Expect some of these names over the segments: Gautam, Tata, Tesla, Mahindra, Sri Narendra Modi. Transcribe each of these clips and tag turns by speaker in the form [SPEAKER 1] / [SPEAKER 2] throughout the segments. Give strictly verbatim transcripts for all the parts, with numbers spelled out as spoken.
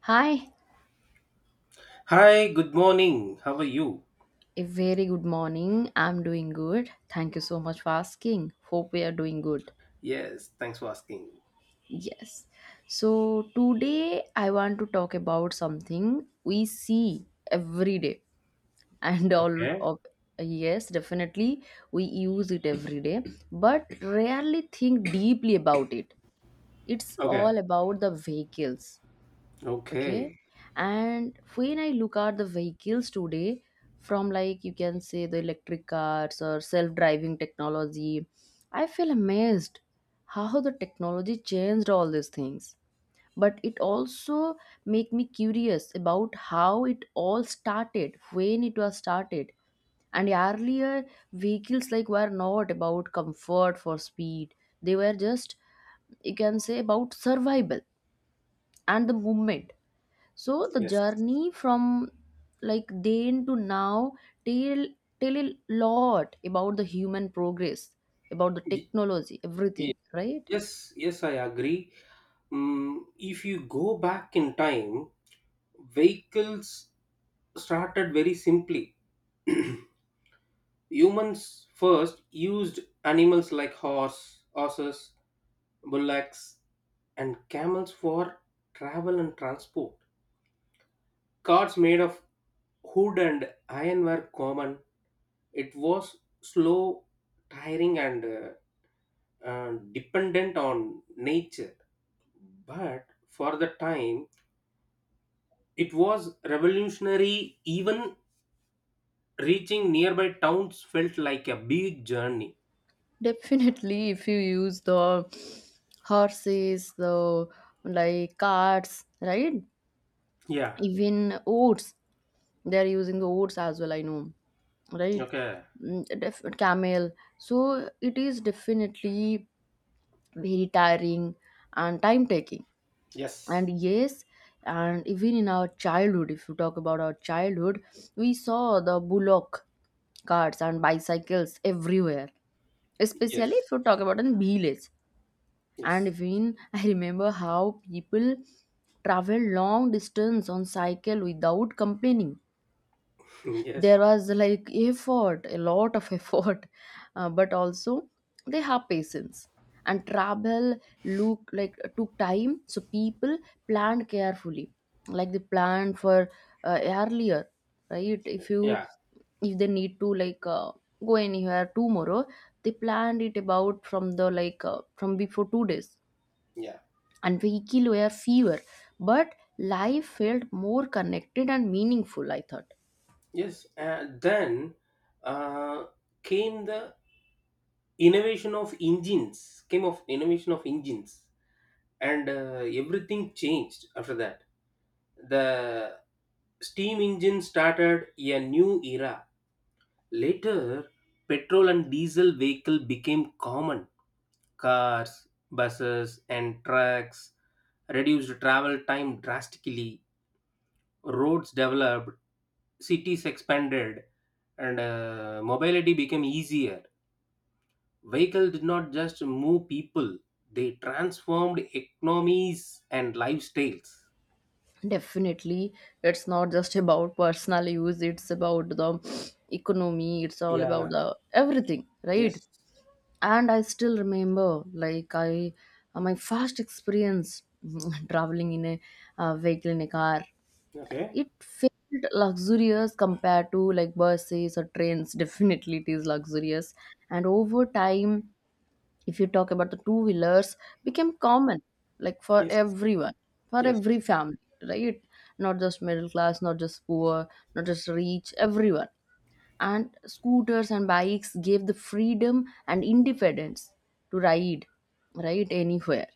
[SPEAKER 1] Hi,
[SPEAKER 2] Hi, good morning. How are you?
[SPEAKER 1] a very good morning. I'm doing good. Thank you so much for asking. Hope we are doing good.
[SPEAKER 2] Yes, thanks for asking.
[SPEAKER 1] Yes. So, today I want to talk about something we see every day and all
[SPEAKER 2] Okay.
[SPEAKER 1] of yes, definitely we use it every day, but rarely think deeply about it. It's
[SPEAKER 2] Okay.
[SPEAKER 1] all about the vehicles. Okay.
[SPEAKER 2] Okay.
[SPEAKER 1] And when I look at the vehicles today, from like you can say the electric cars or self-driving technology, I feel amazed how the technology changed all these things. But it also make me curious about how it all started when it was started And earlier vehicles like were not about comfort for speed, they were just, you can say, about survival and the movement. So the
[SPEAKER 2] Yes.
[SPEAKER 1] journey from like then to now tell tell a lot about the human progress, about the
[SPEAKER 2] Y-
[SPEAKER 1] technology,
[SPEAKER 2] y-
[SPEAKER 1] everything, right?
[SPEAKER 2] Yes, yes, I agree. Mm, if you go back in time, vehicles started very simply. Humans first used animals like horse, horses, bullocks, and camels for travel and transport. Carts made of wood and iron were common. It was slow, tiring, and uh, uh, dependent on nature. But for the time, it was revolutionary. Even reaching nearby towns felt like a big journey.
[SPEAKER 1] Definitely, if you use the horses, the like carts, right?
[SPEAKER 2] Yeah.
[SPEAKER 1] Even oats, they are using the oats as well. I know, right?
[SPEAKER 2] Okay.
[SPEAKER 1] Mm, Def- camel. So it is definitely very tiring and time taking,
[SPEAKER 2] Yes.
[SPEAKER 1] and yes, and even in our childhood, if you talk about our childhood, we saw the bullock carts and bicycles everywhere, especially if
[SPEAKER 2] Yes,
[SPEAKER 1] you talk about in village. And
[SPEAKER 2] yes,
[SPEAKER 1] even I remember how people travel long distance on cycle without complaining.
[SPEAKER 2] yes.
[SPEAKER 1] There was like effort, a lot of effort, uh, but also they have patience, and travel look like took time, so people planned carefully, like they planned for uh, earlier, right?
[SPEAKER 2] Okay.
[SPEAKER 1] If you,
[SPEAKER 2] Yeah,
[SPEAKER 1] if they need to like uh, go anywhere tomorrow, they planned it about from the like uh, from before two days.
[SPEAKER 2] yeah,
[SPEAKER 1] And vehicle were fewer, but life felt more connected and meaningful, I thought.
[SPEAKER 2] yes. Uh, then uh, came the innovation of engines. Came of innovation of engines, and uh, everything changed after that. The steam engine started a new era. Later, petrol and diesel vehicle became common. Cars, buses, and trucks reduced travel time drastically. Roads developed, cities expanded, and uh, mobility became easier. Vehicle did not just move people; they transformed economies and lifestyles.
[SPEAKER 1] Definitely, it's not just about personal use, it's about the economy, it's all about
[SPEAKER 2] Yeah.
[SPEAKER 1] the everything, right?
[SPEAKER 2] Yes.
[SPEAKER 1] And I still remember like I uh, my first experience traveling in a uh, vehicle, in a car.
[SPEAKER 2] Okay.
[SPEAKER 1] It felt luxurious compared to like buses or trains. Definitely it is luxurious. And over time, if you talk about the two wheelers, became common, like for
[SPEAKER 2] Yes.
[SPEAKER 1] everyone, for
[SPEAKER 2] Yes.
[SPEAKER 1] every family, right? Not just middle class, not just poor, not just rich, everyone. And scooters and bikes gave the freedom and independence to ride right anywhere.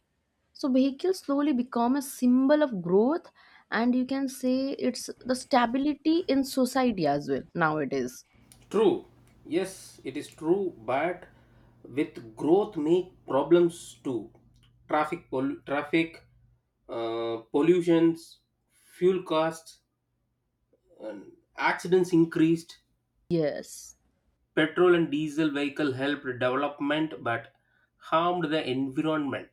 [SPEAKER 1] So vehicles slowly become a symbol of growth, and you can say it's the stability in society as well nowadays.
[SPEAKER 2] True. Yes, it is true, but with growth make problems too. Traffic pol- traffic uh, pollutions, fuel costs, and accidents increased.
[SPEAKER 1] Yes.
[SPEAKER 2] Petrol and diesel vehicle helped development but harmed the environment.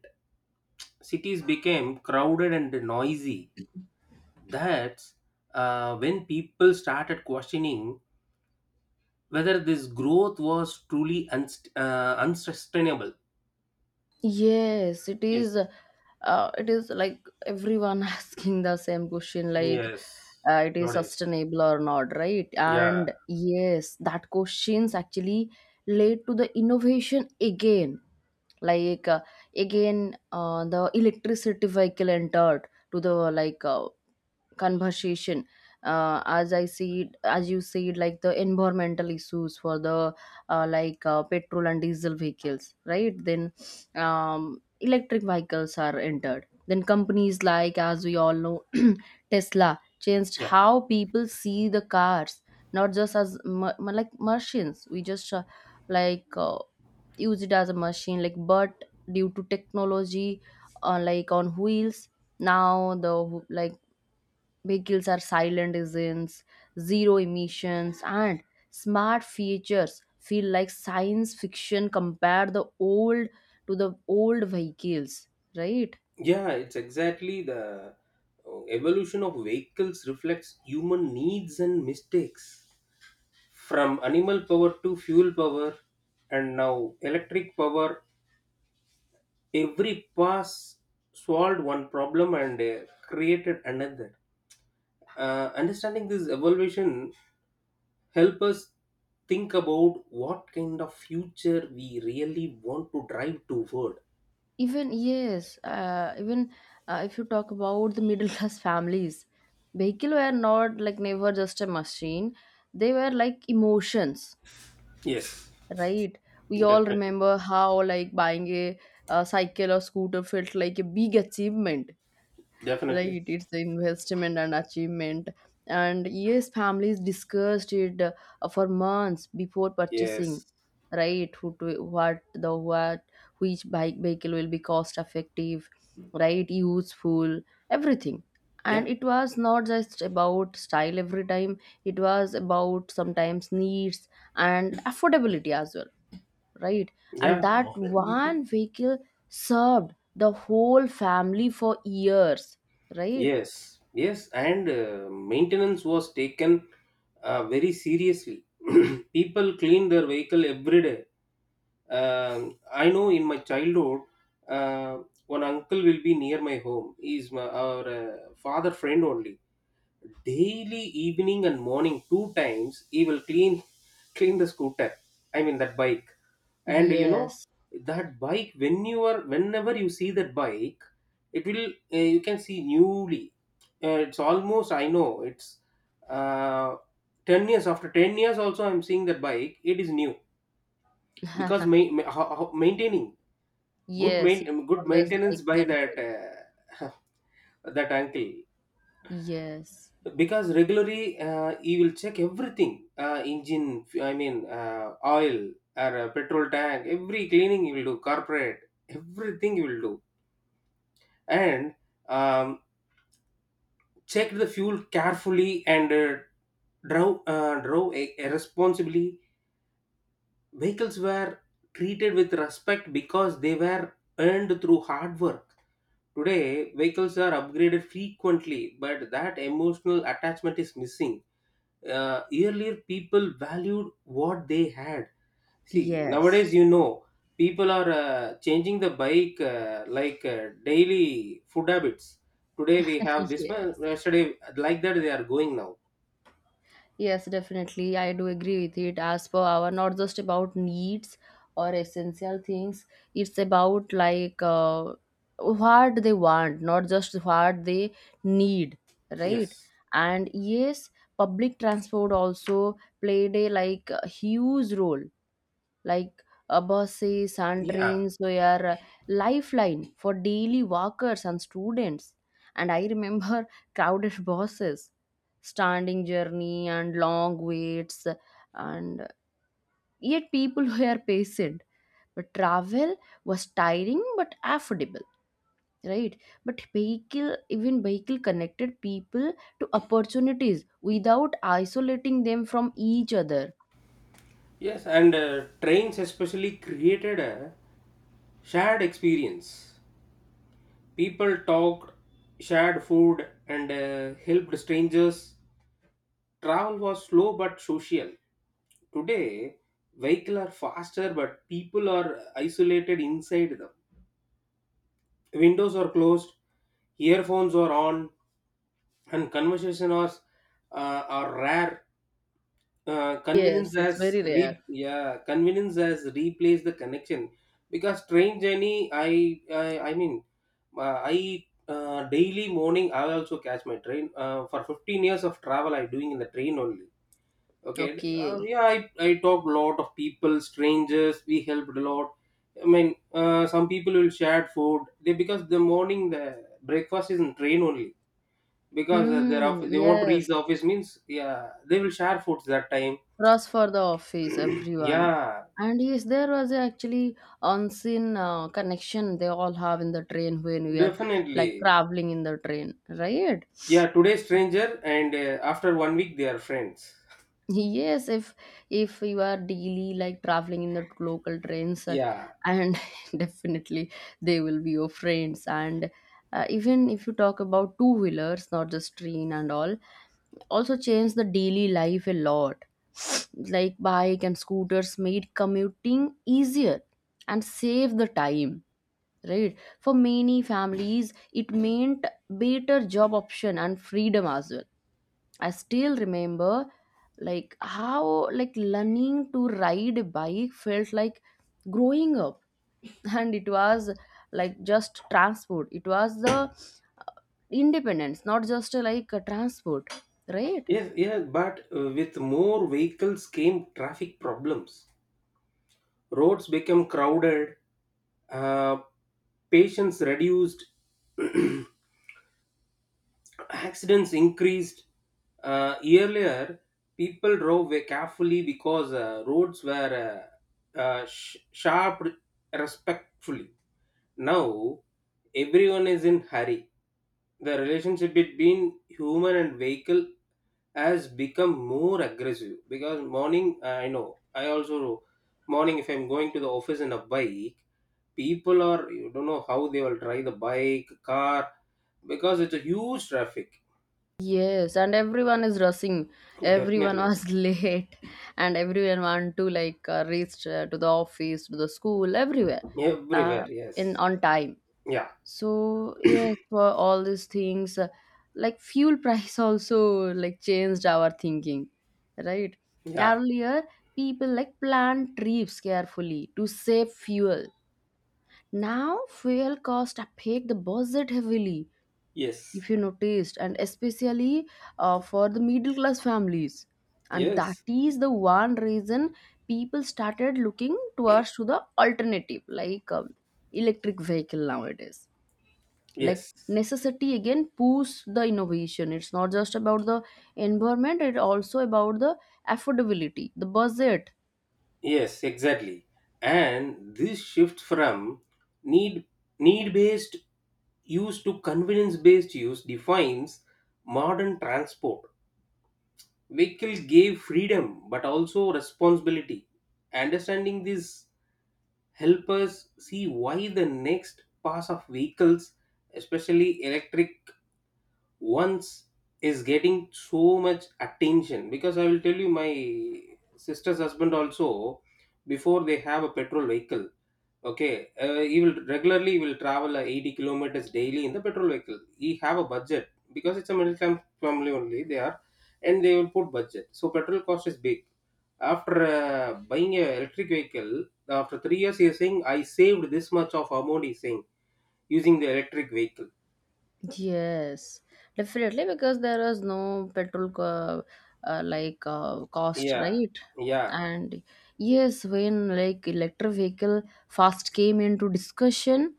[SPEAKER 2] Cities became crowded and noisy. That's uh, when people started questioning whether this growth was truly unst- uh, unsustainable.
[SPEAKER 1] Yes, it is.
[SPEAKER 2] Yes.
[SPEAKER 1] Uh, it is like everyone asking the same question, like,
[SPEAKER 2] Yes.
[SPEAKER 1] uh, it is
[SPEAKER 2] Nowadays.
[SPEAKER 1] sustainable or not, right?
[SPEAKER 2] Yeah.
[SPEAKER 1] And yes, that questions actually led to the innovation again. Like uh, again, uh, the electricity vehicle entered to the like uh, conversation. Uh, as I see it, as you see it, like the environmental issues for the uh, like uh, petrol and diesel vehicles, right? Then um, electric vehicles are entered. Then companies like, as we all know, Tesla changed
[SPEAKER 2] Yeah.
[SPEAKER 1] how people see the cars, not just as ma- ma- like machines we just uh, like uh, use it as a machine like, but due to technology, uh, like on wheels. Now the wh- like vehicles are silent engines, zero emissions, and smart features feel like science fiction compared the old, to the old vehicles, right?
[SPEAKER 2] Yeah, it's exactly the uh, evolution of vehicles reflects human needs and mistakes, from animal power to fuel power, and now electric power. Every pass solved one problem and uh, created another. Uh, understanding this evolution help us think about what kind of future we really want to drive toward.
[SPEAKER 1] Even yes, uh, even uh, if you talk about the middle class families, vehicle were not like never just a machine. They were like emotions,
[SPEAKER 2] Yes.
[SPEAKER 1] right? We all
[SPEAKER 2] Definitely.
[SPEAKER 1] remember how like buying a, a cycle or scooter felt like a big achievement,
[SPEAKER 2] Definitely.
[SPEAKER 1] right? It's the investment and achievement. And yes, families discussed it uh, for months before purchasing,
[SPEAKER 2] Yes.
[SPEAKER 1] right? Who to, what the what, which bike vehicle will be cost effective, right? Useful, everything.
[SPEAKER 2] Yeah.
[SPEAKER 1] And it was not just about style every time, it was about sometimes needs and affordability as well, right?
[SPEAKER 2] Yeah.
[SPEAKER 1] And that one vehicle served the whole family for years, right?
[SPEAKER 2] Yes. Yes. And uh, maintenance was taken uh, very seriously. People clean their vehicle every day. Um, I know in my childhood, uh, one uncle will be near my home. He's my, our uh, father friend only. Daily evening and morning two times, he will clean clean the scooter, I mean, that bike. And you know
[SPEAKER 1] Yes.
[SPEAKER 2] that bike, when you are whenever you see that bike, it will, uh, you can see newly, uh, it's almost, I know, it's uh, ten years. After ten years also, I'm seeing that bike, it is new. Because ma- ma- ho- ho- maintaining, good
[SPEAKER 1] Yes, it's
[SPEAKER 2] main- good
[SPEAKER 1] always
[SPEAKER 2] maintenance
[SPEAKER 1] like
[SPEAKER 2] by that
[SPEAKER 1] mental.
[SPEAKER 2] uh, that uncle.
[SPEAKER 1] Yes.
[SPEAKER 2] Because regularly, uh, he will check everything, uh, engine, I mean, uh, oil, or uh, petrol tank, every cleaning he will do, corporate, everything he will do. And um, check the fuel carefully, and uh, drove uh, drove a- responsibly. Vehicles were treated with respect because they were earned through hard work. Today vehicles are upgraded frequently, but that emotional attachment is missing. Uh, earlier people valued what they had. See
[SPEAKER 1] Yes.
[SPEAKER 2] nowadays, you know people are uh, changing the bike, uh, like uh, daily food habits. Today we have this one,
[SPEAKER 1] Yes.
[SPEAKER 2] yesterday like that, they are going now.
[SPEAKER 1] Yes, definitely. I do agree with it. As per our, not just about needs or essential things, it's about like uh, what they want, not just what they need, right?
[SPEAKER 2] Yes.
[SPEAKER 1] And yes, public transport also played a like a huge role, like Abasi,
[SPEAKER 2] Yeah,
[SPEAKER 1] trains, were a lifeline for daily walkers and students. And I remember crowded buses, standing journey and long waits, and yet people were patient. But travel was tiring but affordable, right? But vehicle, even vehicle connected people to opportunities without isolating them from each other.
[SPEAKER 2] yes, and uh, trains especially created a shared experience. People talked, shared food, and uh, helped strangers. Travel was slow but social. Today, vehicles are faster but people are isolated inside them. Windows are closed, earphones are on, and conversation are, uh, are rare. Uh, convenience
[SPEAKER 1] Yes, it's
[SPEAKER 2] has,
[SPEAKER 1] very rare.
[SPEAKER 2] re- yeah, convenience has replaced the connection. Because train journey, I I, I mean, uh, I, uh, daily morning I also catch my train, uh, for fifteen years of travel I doing in the train only. Okay. uh,
[SPEAKER 1] Okay.
[SPEAKER 2] yeah i i talked a lot of people, strangers, we helped a lot, I mean. Uh, some people will share food, they, because the morning, the breakfast is in train only, because uh, they're off,
[SPEAKER 1] Hmm,
[SPEAKER 2] they want to reach
[SPEAKER 1] yes.
[SPEAKER 2] the office means, yeah, they will share foods that time.
[SPEAKER 1] Rush for the office, everyone.
[SPEAKER 2] Yeah.
[SPEAKER 1] And yes, there was actually unseen uh, connection they all have in the train when we are like
[SPEAKER 2] Definitely.
[SPEAKER 1] traveling in the train, right?
[SPEAKER 2] Yeah, today stranger, and uh, after one week they are friends.
[SPEAKER 1] Yes, if if you are daily like traveling in the local trains, uh,
[SPEAKER 2] Yeah,
[SPEAKER 1] and definitely they will be your friends. And uh, even if you talk about two wheelers, not just train and all, also changed the daily life a lot. Like bike and scooters made commuting easier and save the time, right? For many families, it meant better job option and freedom as well. I still remember like how like learning to ride a bike felt like growing up, and it was like just transport, it was the independence, not just uh, like a transport, right?
[SPEAKER 2] yes, yeah, but uh, with more vehicles came traffic problems. Roads became crowded, uh, patients reduced, accidents increased. Uh, earlier, people drove very carefully because uh, roads were uh, uh, sh- sharp respectfully. Now, everyone is in hurry. The relationship between human and vehicle has become more aggressive. Because morning, uh, I know, I also, morning, if I'm going to the office in a bike, people are, you don't know how they will try the bike, car, because it's a huge traffic.
[SPEAKER 1] Yes, and everyone is rushing. Everyone
[SPEAKER 2] Definitely.
[SPEAKER 1] was late, and everyone want to like uh, reach uh, to the office, to the school, everywhere, uh,
[SPEAKER 2] Everywhere. Yes.
[SPEAKER 1] in on time.
[SPEAKER 2] Yeah.
[SPEAKER 1] So yes, for all these things, uh, like fuel price also like changed our thinking, right?
[SPEAKER 2] Yeah.
[SPEAKER 1] Earlier, people like planned trips carefully to save fuel. Now, fuel cost affect the budget heavily
[SPEAKER 2] Yes.
[SPEAKER 1] if you noticed, and especially uh, for the middle class families, and that
[SPEAKER 2] Yes.
[SPEAKER 1] is the one reason people started looking towards to the alternative, like um, electric vehicle nowadays. Like
[SPEAKER 2] Yes.
[SPEAKER 1] necessity again push the innovation. It's not just about the environment, it's also about the affordability, the budget.
[SPEAKER 2] Yes, exactly. And this shift from need need based use to convenience based use defines modern transport. Vehicle gave freedom but also responsibility. Understanding this help us see why the next pass of vehicles, especially electric ones, is getting so much attention. Because I will tell you, my sister's husband also, before they have a petrol vehicle, okay, uh, he will regularly will travel uh, eighty kilometers daily in the petrol vehicle. He have a budget because it's a middle class family only they are, and they will put budget. So petrol cost is big. After uh, buying a electric vehicle, after three years, he is saying, I saved this much of amount, he's saying, using the electric vehicle.
[SPEAKER 1] Yes, definitely because there was no petrol co- uh, like uh, cost,
[SPEAKER 2] Yeah,
[SPEAKER 1] right?
[SPEAKER 2] yeah,
[SPEAKER 1] And yes, when like electric vehicle first came into discussion,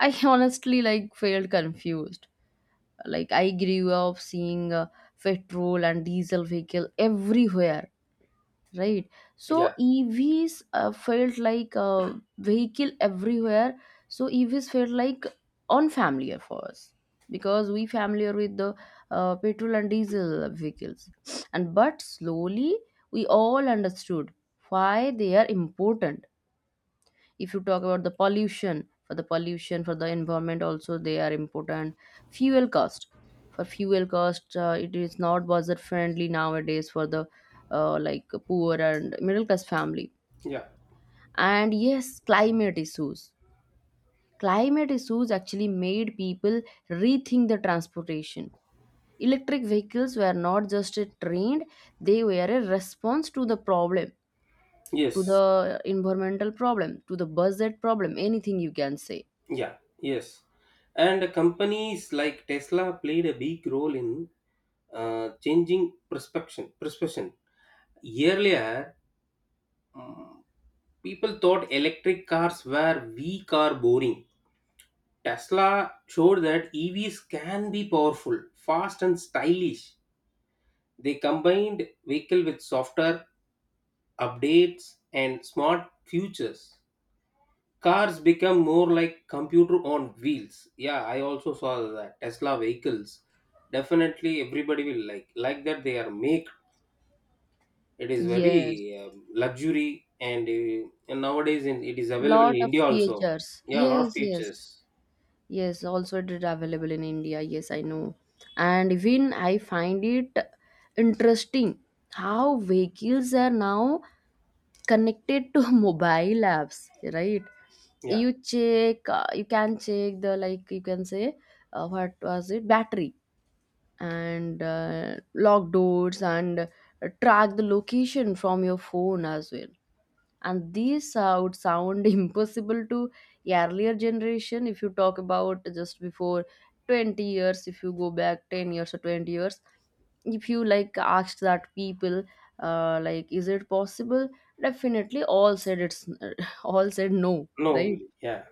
[SPEAKER 1] I honestly like felt confused. Like I grew up seeing uh, petrol and diesel vehicle everywhere, right? So
[SPEAKER 2] yeah,
[SPEAKER 1] evs uh, felt like a vehicle everywhere so EVs felt like unfamiliar for us because we familiar with the uh, petrol and diesel vehicles. And but slowly we all understood why they are important. If you talk about the pollution, for the pollution, for the environment also they are important. Fuel cost, for fuel cost, uh, it is not budget friendly nowadays for the uh, like poor and middle class family.
[SPEAKER 2] yeah,
[SPEAKER 1] And yes, climate issues, climate issues actually made people rethink the transportation. Electric vehicles were not just a trend, they were a response to the problem, to
[SPEAKER 2] yes,
[SPEAKER 1] the environmental problem, to the budget problem, anything you can say.
[SPEAKER 2] yeah, yes. And companies like Tesla played a big role in uh, changing perception. Perception. Earlier, mm, people thought electric cars were weak or boring. Tesla showed that E Vs can be powerful, fast, and stylish. They combined vehicle with software updates and smart features. Cars become more like computer on wheels. Yeah, I also saw that Tesla vehicles. Definitely, everybody will like like that. They are made. It is
[SPEAKER 1] Yes,
[SPEAKER 2] very um, luxury, and, uh, and nowadays in, it is available in
[SPEAKER 1] lot of
[SPEAKER 2] India also.
[SPEAKER 1] features.
[SPEAKER 2] Yeah, a lot of
[SPEAKER 1] Yes, yes,
[SPEAKER 2] features.
[SPEAKER 1] yes. Also, it is available in India. Yes, I know. And even I find it interesting how vehicles are now connected to mobile apps, right?
[SPEAKER 2] Yeah.
[SPEAKER 1] You check, uh, you can check the, like you can say, uh, what was it? Battery, and uh, lock doors, and uh, track the location from your phone as well. And these uh, would sound impossible to earlier generation. If you talk about just before twenty years, if you go back ten years or twenty years, if you like asked that people, uh, like is it possible, definitely all said it's, all said no,
[SPEAKER 2] No.
[SPEAKER 1] right?
[SPEAKER 2] Yeah.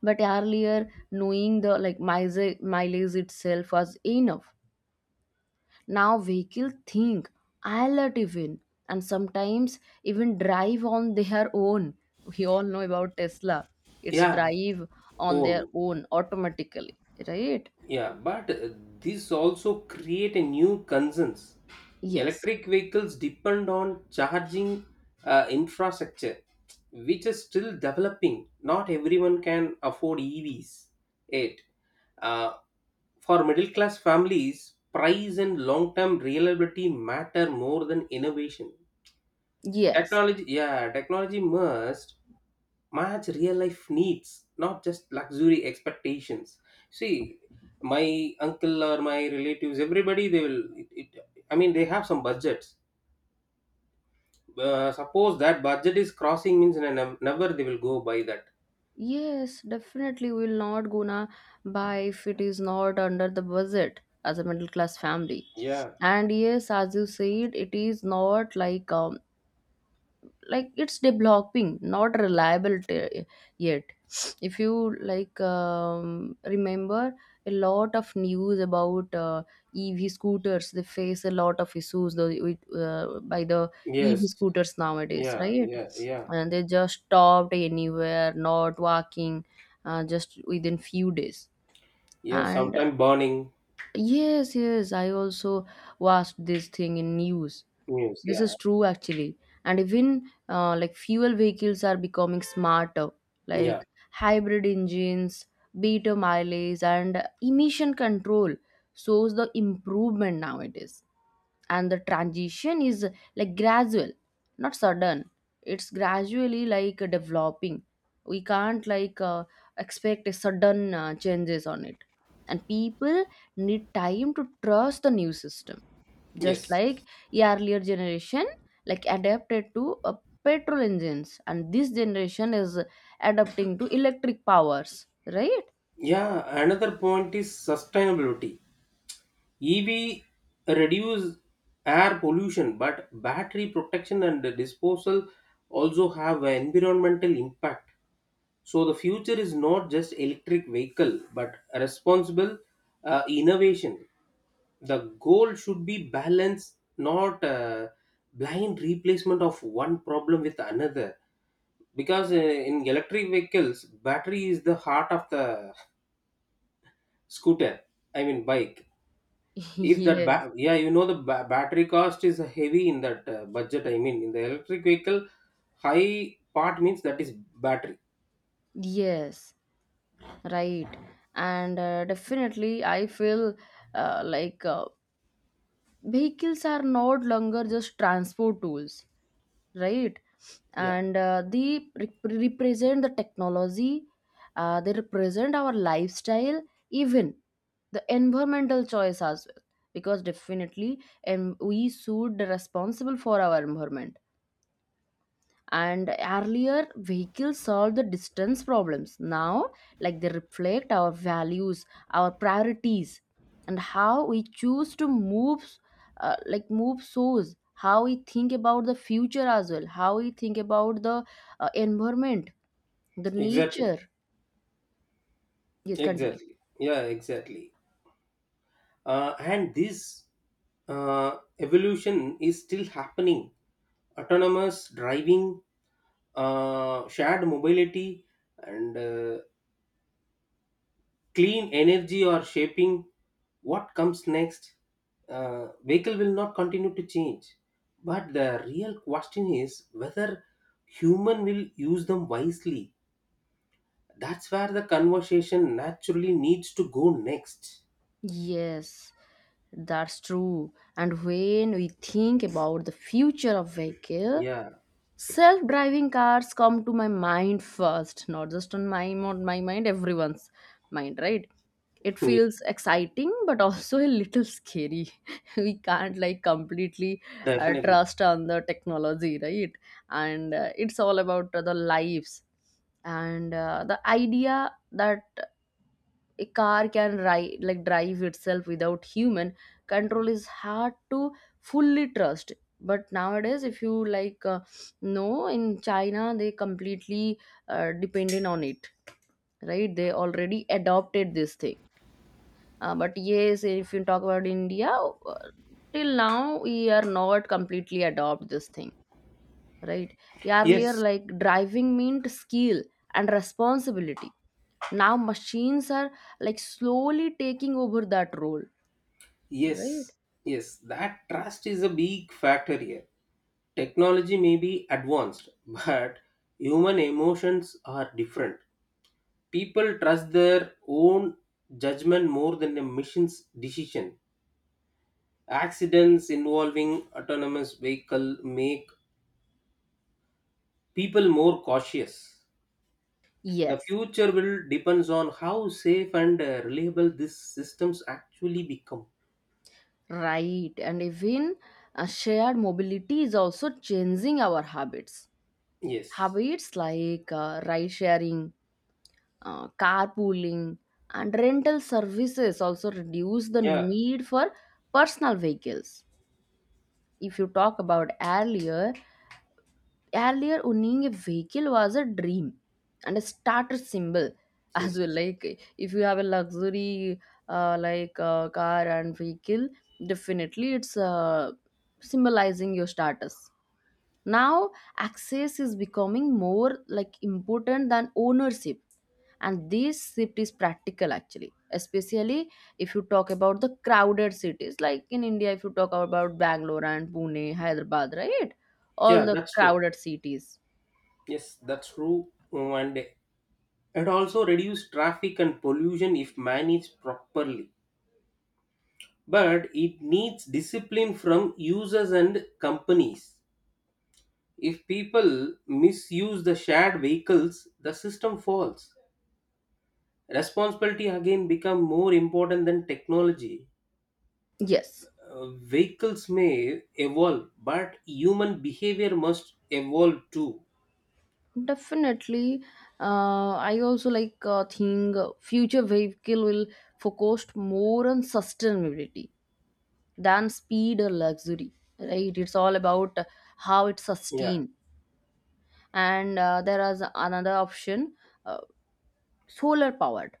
[SPEAKER 1] But earlier, knowing the like mileage mileage itself was enough. Now vehicle think, I'll alert even, and sometimes even drive on their own. We all know about Tesla. It's
[SPEAKER 2] Yeah.
[SPEAKER 1] drive on their
[SPEAKER 2] Own.
[SPEAKER 1] own automatically, right?
[SPEAKER 2] Yeah, but uh, this also create a new concerns.
[SPEAKER 1] Yes.
[SPEAKER 2] Electric vehicles depend on charging uh, infrastructure, which is still developing. Not everyone can afford E Vs yet. Uh, for middle class families, price and long term reliability matter more than innovation.
[SPEAKER 1] Yes.
[SPEAKER 2] Technology, yeah, technology must match real life needs, not just luxury expectations. See, my uncle or my relatives, everybody, they will. It, it, I mean, they have some budgets. Uh, suppose that budget is crossing means, ne- never they will go by that.
[SPEAKER 1] Yes, definitely we will not gonna buy if it is not under the budget as a middle class family.
[SPEAKER 2] Yeah.
[SPEAKER 1] And yes, as you said, it is not like um, like it's developing, not reliable t- yet. If you like um, remember a lot of news about uh, EV scooters, they face a lot of issues though with, uh, by the EV
[SPEAKER 2] Yes.
[SPEAKER 1] scooters nowadays,
[SPEAKER 2] Yeah.
[SPEAKER 1] right?
[SPEAKER 2] Yeah. Yeah.
[SPEAKER 1] And they just stopped anywhere, not walking, uh, just within few days.
[SPEAKER 2] Yeah.
[SPEAKER 1] And
[SPEAKER 2] Sometime burning.
[SPEAKER 1] yes, yes, I also watched this thing in news.
[SPEAKER 2] News.
[SPEAKER 1] This
[SPEAKER 2] Yeah.
[SPEAKER 1] is true actually. And even uh, like fuel vehicles are becoming smarter, like
[SPEAKER 2] Yeah.
[SPEAKER 1] hybrid engines, better mileage, and emission control shows the improvement nowadays. And the transition is like gradual, not sudden. It's gradually like developing. We can't like uh, expect a sudden uh, changes on it. And people need time to trust the new system, just
[SPEAKER 2] Yes.
[SPEAKER 1] like earlier generation like adapted to uh, petrol engines, and this generation is adapting to electric powers, right?
[SPEAKER 2] Yeah. Another point is sustainability. E V reduce air pollution, but battery protection and disposal also have an environmental impact. So the future is not just electric vehicle, but responsible uh, innovation. The goal should be balance, not uh, blind replacement of one problem with another. Because uh, in electric vehicles, battery is the heart of the scooter. I mean, bike. If that
[SPEAKER 1] Yes,
[SPEAKER 2] ba- yeah, you know the ba- battery cost is heavy in that uh, budget, I mean, in the electric vehicle. High part means that is battery.
[SPEAKER 1] yes, right. And uh, definitely I feel uh, like uh, vehicles are no longer just transport tools, right?
[SPEAKER 2] Yeah,
[SPEAKER 1] And uh, they rep- represent the technology. Uh, they represent our lifestyle, even the environmental choice as well. Because definitely, and we should be responsible for our environment. And earlier vehicles solved the distance problems. Now, like, they reflect our values, our priorities, and how we choose to move, uh, like move souls, how we think about the future as well, how we think about the uh, environment, the
[SPEAKER 2] exactly.
[SPEAKER 1] nature. Yes, continue.
[SPEAKER 2] Exactly. Yeah, exactly. Uh, and this uh, evolution is still happening. Autonomous driving, uh, shared mobility, and uh, clean energy or shaping what comes next. Uh, vehicle will not continue to change. But the real question is whether human will use them wisely. That's where the conversation naturally needs to go next.
[SPEAKER 1] Yes, that's true. And when we think about the future of vehicle,
[SPEAKER 2] Yeah,
[SPEAKER 1] self driving cars come to my mind first, not just on my, on my mind, everyone's mind, right? It
[SPEAKER 2] yeah,
[SPEAKER 1] feels exciting but also a little scary. We can't like completely uh,
[SPEAKER 2] definitely.
[SPEAKER 1] trust on the technology, right? And uh, it's all about uh, the lives. And uh, the idea that a car can ri- like drive itself without human control is hard to fully trust. But nowadays, if you like uh, know, in China they completely uh, dependent on it, right? They already adopted this thing. Uh, but yes, if you talk about India, uh, till now we are not completely adopt this thing, right? Earlier,
[SPEAKER 2] Yes,
[SPEAKER 1] like driving meant skill and responsibility. Now, machines are like slowly taking over that role, right?
[SPEAKER 2] yes, yes. That trust is a big factor here. Technology may be advanced, but human emotions are different. People trust their own judgment more than a machine's decision. Accidents involving autonomous vehicle make people more cautious. The
[SPEAKER 1] Yes,
[SPEAKER 2] future will depends on how safe and uh, reliable these systems actually become.
[SPEAKER 1] right. And even uh, shared mobility is also changing our habits.
[SPEAKER 2] Yes.
[SPEAKER 1] Habits like uh, ride sharing, uh, carpooling, and rental services also reduce the
[SPEAKER 2] Yeah.
[SPEAKER 1] need for personal vehicles. If you talk about earlier, earlier owning a vehicle was a dream and a status symbol as
[SPEAKER 2] Yes.
[SPEAKER 1] well, like if you have a luxury uh, like uh, car and vehicle, definitely it's uh, symbolizing your status. Now, access is becoming more like important than ownership, and this shift is practical actually, especially if you talk about the crowded cities, like in India, if you talk about Bangalore and Pune, Hyderabad, right? All
[SPEAKER 2] Yeah,
[SPEAKER 1] the
[SPEAKER 2] that's true.
[SPEAKER 1] crowded cities.
[SPEAKER 2] Yes, that's true. And it also reduce traffic and pollution if managed properly. But it needs discipline from users and companies. If people misuse the shared vehicles, the system falls. Responsibility again become more important than technology.
[SPEAKER 1] Yes,
[SPEAKER 2] Uh, vehicles may evolve, but human behavior must evolve too.
[SPEAKER 1] definitely. uh, I also like uh, think uh, future vehicle will focus more on sustainability than speed or luxury, right? It's all about how it's
[SPEAKER 2] Yeah,
[SPEAKER 1] sustained. And uh, there is another option, uh, solar powered,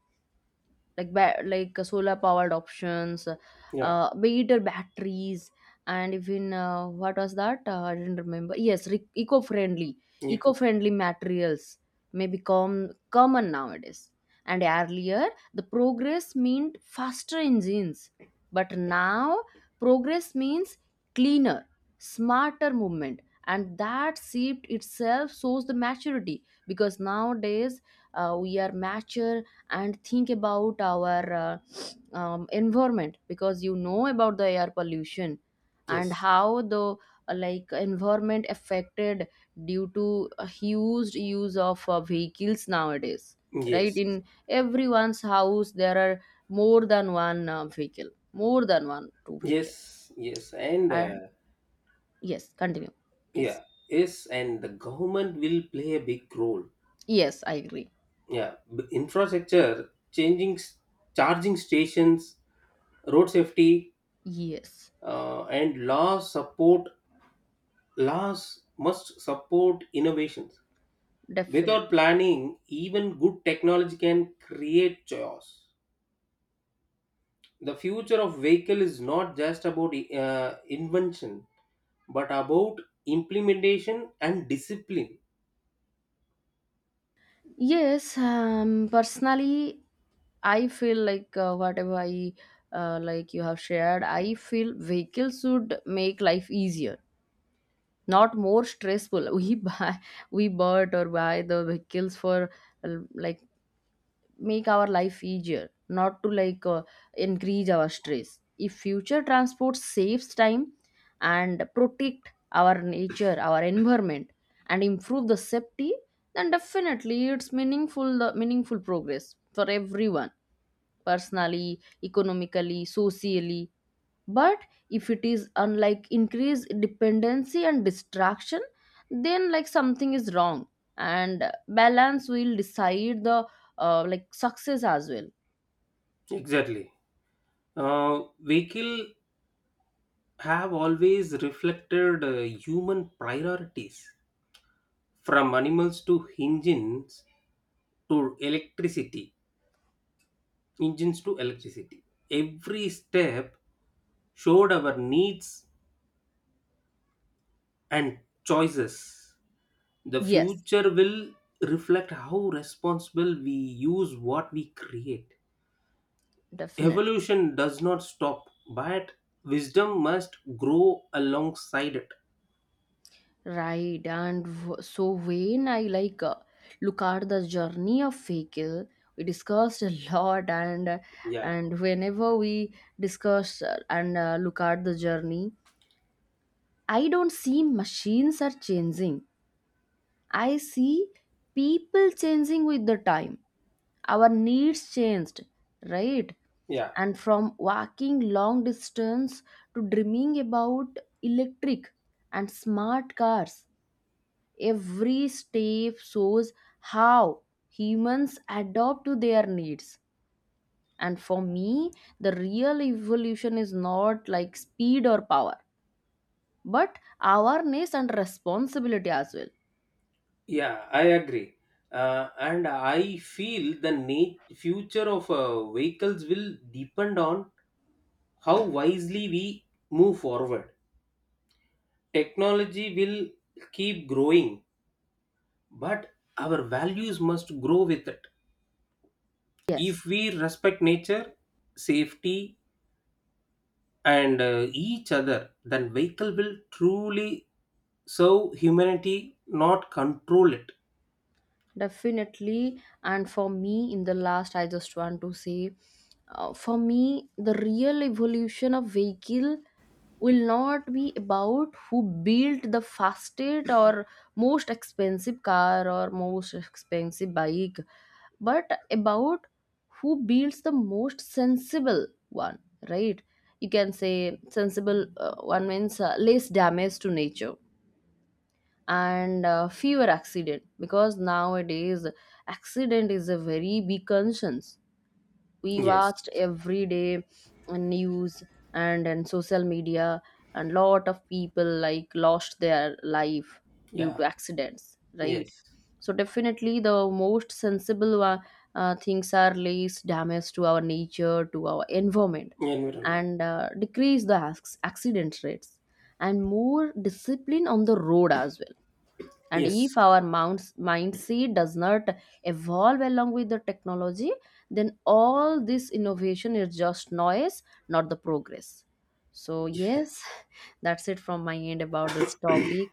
[SPEAKER 1] like ba- like uh, solar powered options,
[SPEAKER 2] yeah,
[SPEAKER 1] uh be it a batteries. And even uh, what was that, uh, I didn't remember, yes, re- eco-friendly,
[SPEAKER 2] you go.
[SPEAKER 1] eco-friendly materials may become common nowadays. And earlier the progress meant faster engines, but now progress means cleaner, smarter movement. And that shift itself shows the maturity, because nowadays uh, we are mature and think about our uh, um, environment, because you know about the air pollution and
[SPEAKER 2] Yes,
[SPEAKER 1] how the uh, like environment affected due to a huge use of uh, vehicles nowadays, right?
[SPEAKER 2] yes,
[SPEAKER 1] In everyone's house there are more than one uh, vehicle, more than one, two vehicle.
[SPEAKER 2] yes, yes, and uh,
[SPEAKER 1] And yes, continue
[SPEAKER 2] yeah,
[SPEAKER 1] please.
[SPEAKER 2] yes, and the government will play a big role.
[SPEAKER 1] Yes, I agree.
[SPEAKER 2] Yeah, b- infrastructure, changing s- charging stations, road safety,
[SPEAKER 1] Yes,
[SPEAKER 2] uh, and laws support laws must support innovations. Without
[SPEAKER 1] definitely.
[SPEAKER 2] planning, even good technology can create chaos. The future of vehicle is not just about uh, invention, but about implementation and discipline.
[SPEAKER 1] Yes, um, personally, I feel like uh, whatever I uh, like you have shared, I feel vehicles should make life easier, not more stressful. We buy, we bought or buy the vehicles for uh, like make our life easier, not to like uh, increase our stress. If future transport saves time and protect our nature, our environment, and improve the safety, then definitely it's meaningful, the meaningful progress for everyone, personally, economically, socially. But if it is unlike increased dependency and distraction, then like something is wrong. And balance will decide the uh, like success as well.
[SPEAKER 2] Exactly. Uh, vehicle have always reflected uh, human priorities, from animals to engines, to electricity engines to electricity. Every step showed our needs and choices. The
[SPEAKER 1] Yes,
[SPEAKER 2] future will reflect how responsible we use what we create.
[SPEAKER 1] definitely.
[SPEAKER 2] Evolution does not stop, but wisdom must grow alongside it.
[SPEAKER 1] Right. And w- so when I like uh, look at the journey of vehicle, we discussed a lot. and
[SPEAKER 2] Yeah.
[SPEAKER 1] and whenever we discuss uh, and uh, look at the journey, I don't see machines are changing, I see people changing with the time. Our needs changed, right?
[SPEAKER 2] Yeah.
[SPEAKER 1] And from walking long distance to dreaming about electric and smart cars, every step shows how humans adapt to their needs. And for me, the real evolution is not like speed or power, but awareness and responsibility as well.
[SPEAKER 2] Yeah, I agree. Uh, and I feel the na- future of uh, vehicles will depend on how wisely we move forward. Technology will keep growing, but our values must grow with it. If
[SPEAKER 1] Yes.
[SPEAKER 2] we respect nature, safety, and uh, each other, then vehicle will truly serve humanity, not control it.
[SPEAKER 1] Definitely. And for me, in the last, I just want to say, uh, for me, the real evolution of vehicle will not be about who built the fastest or most expensive car or most expensive bike, but about who builds the most sensible one, right? You can say sensible uh, one means uh, less damage to nature and uh, fewer accident, because nowadays accident is a very big concern. We
[SPEAKER 2] Yes.
[SPEAKER 1] watched every day on news and in social media, and lot of people like lost their life due
[SPEAKER 2] Yeah.
[SPEAKER 1] to accidents, right?
[SPEAKER 2] Yes.
[SPEAKER 1] So definitely the most sensible wa- uh, things are least damage to our nature, to our environment,
[SPEAKER 2] Environment.
[SPEAKER 1] and uh, decrease the acc- accident rates and more discipline on the road as well. And if
[SPEAKER 2] Yes.
[SPEAKER 1] our mounds- mindset does not evolve along with the technology, then all this innovation is just noise, not the progress. So yes, that's it from my end about this topic.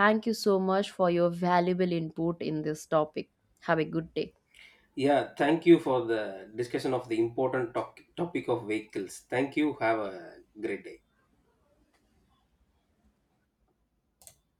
[SPEAKER 1] Thank you so much for your valuable input in this topic. Have a good day.
[SPEAKER 2] Yeah. Thank you for the discussion of the important topic topic of vehicles. Thank you. Have a great day.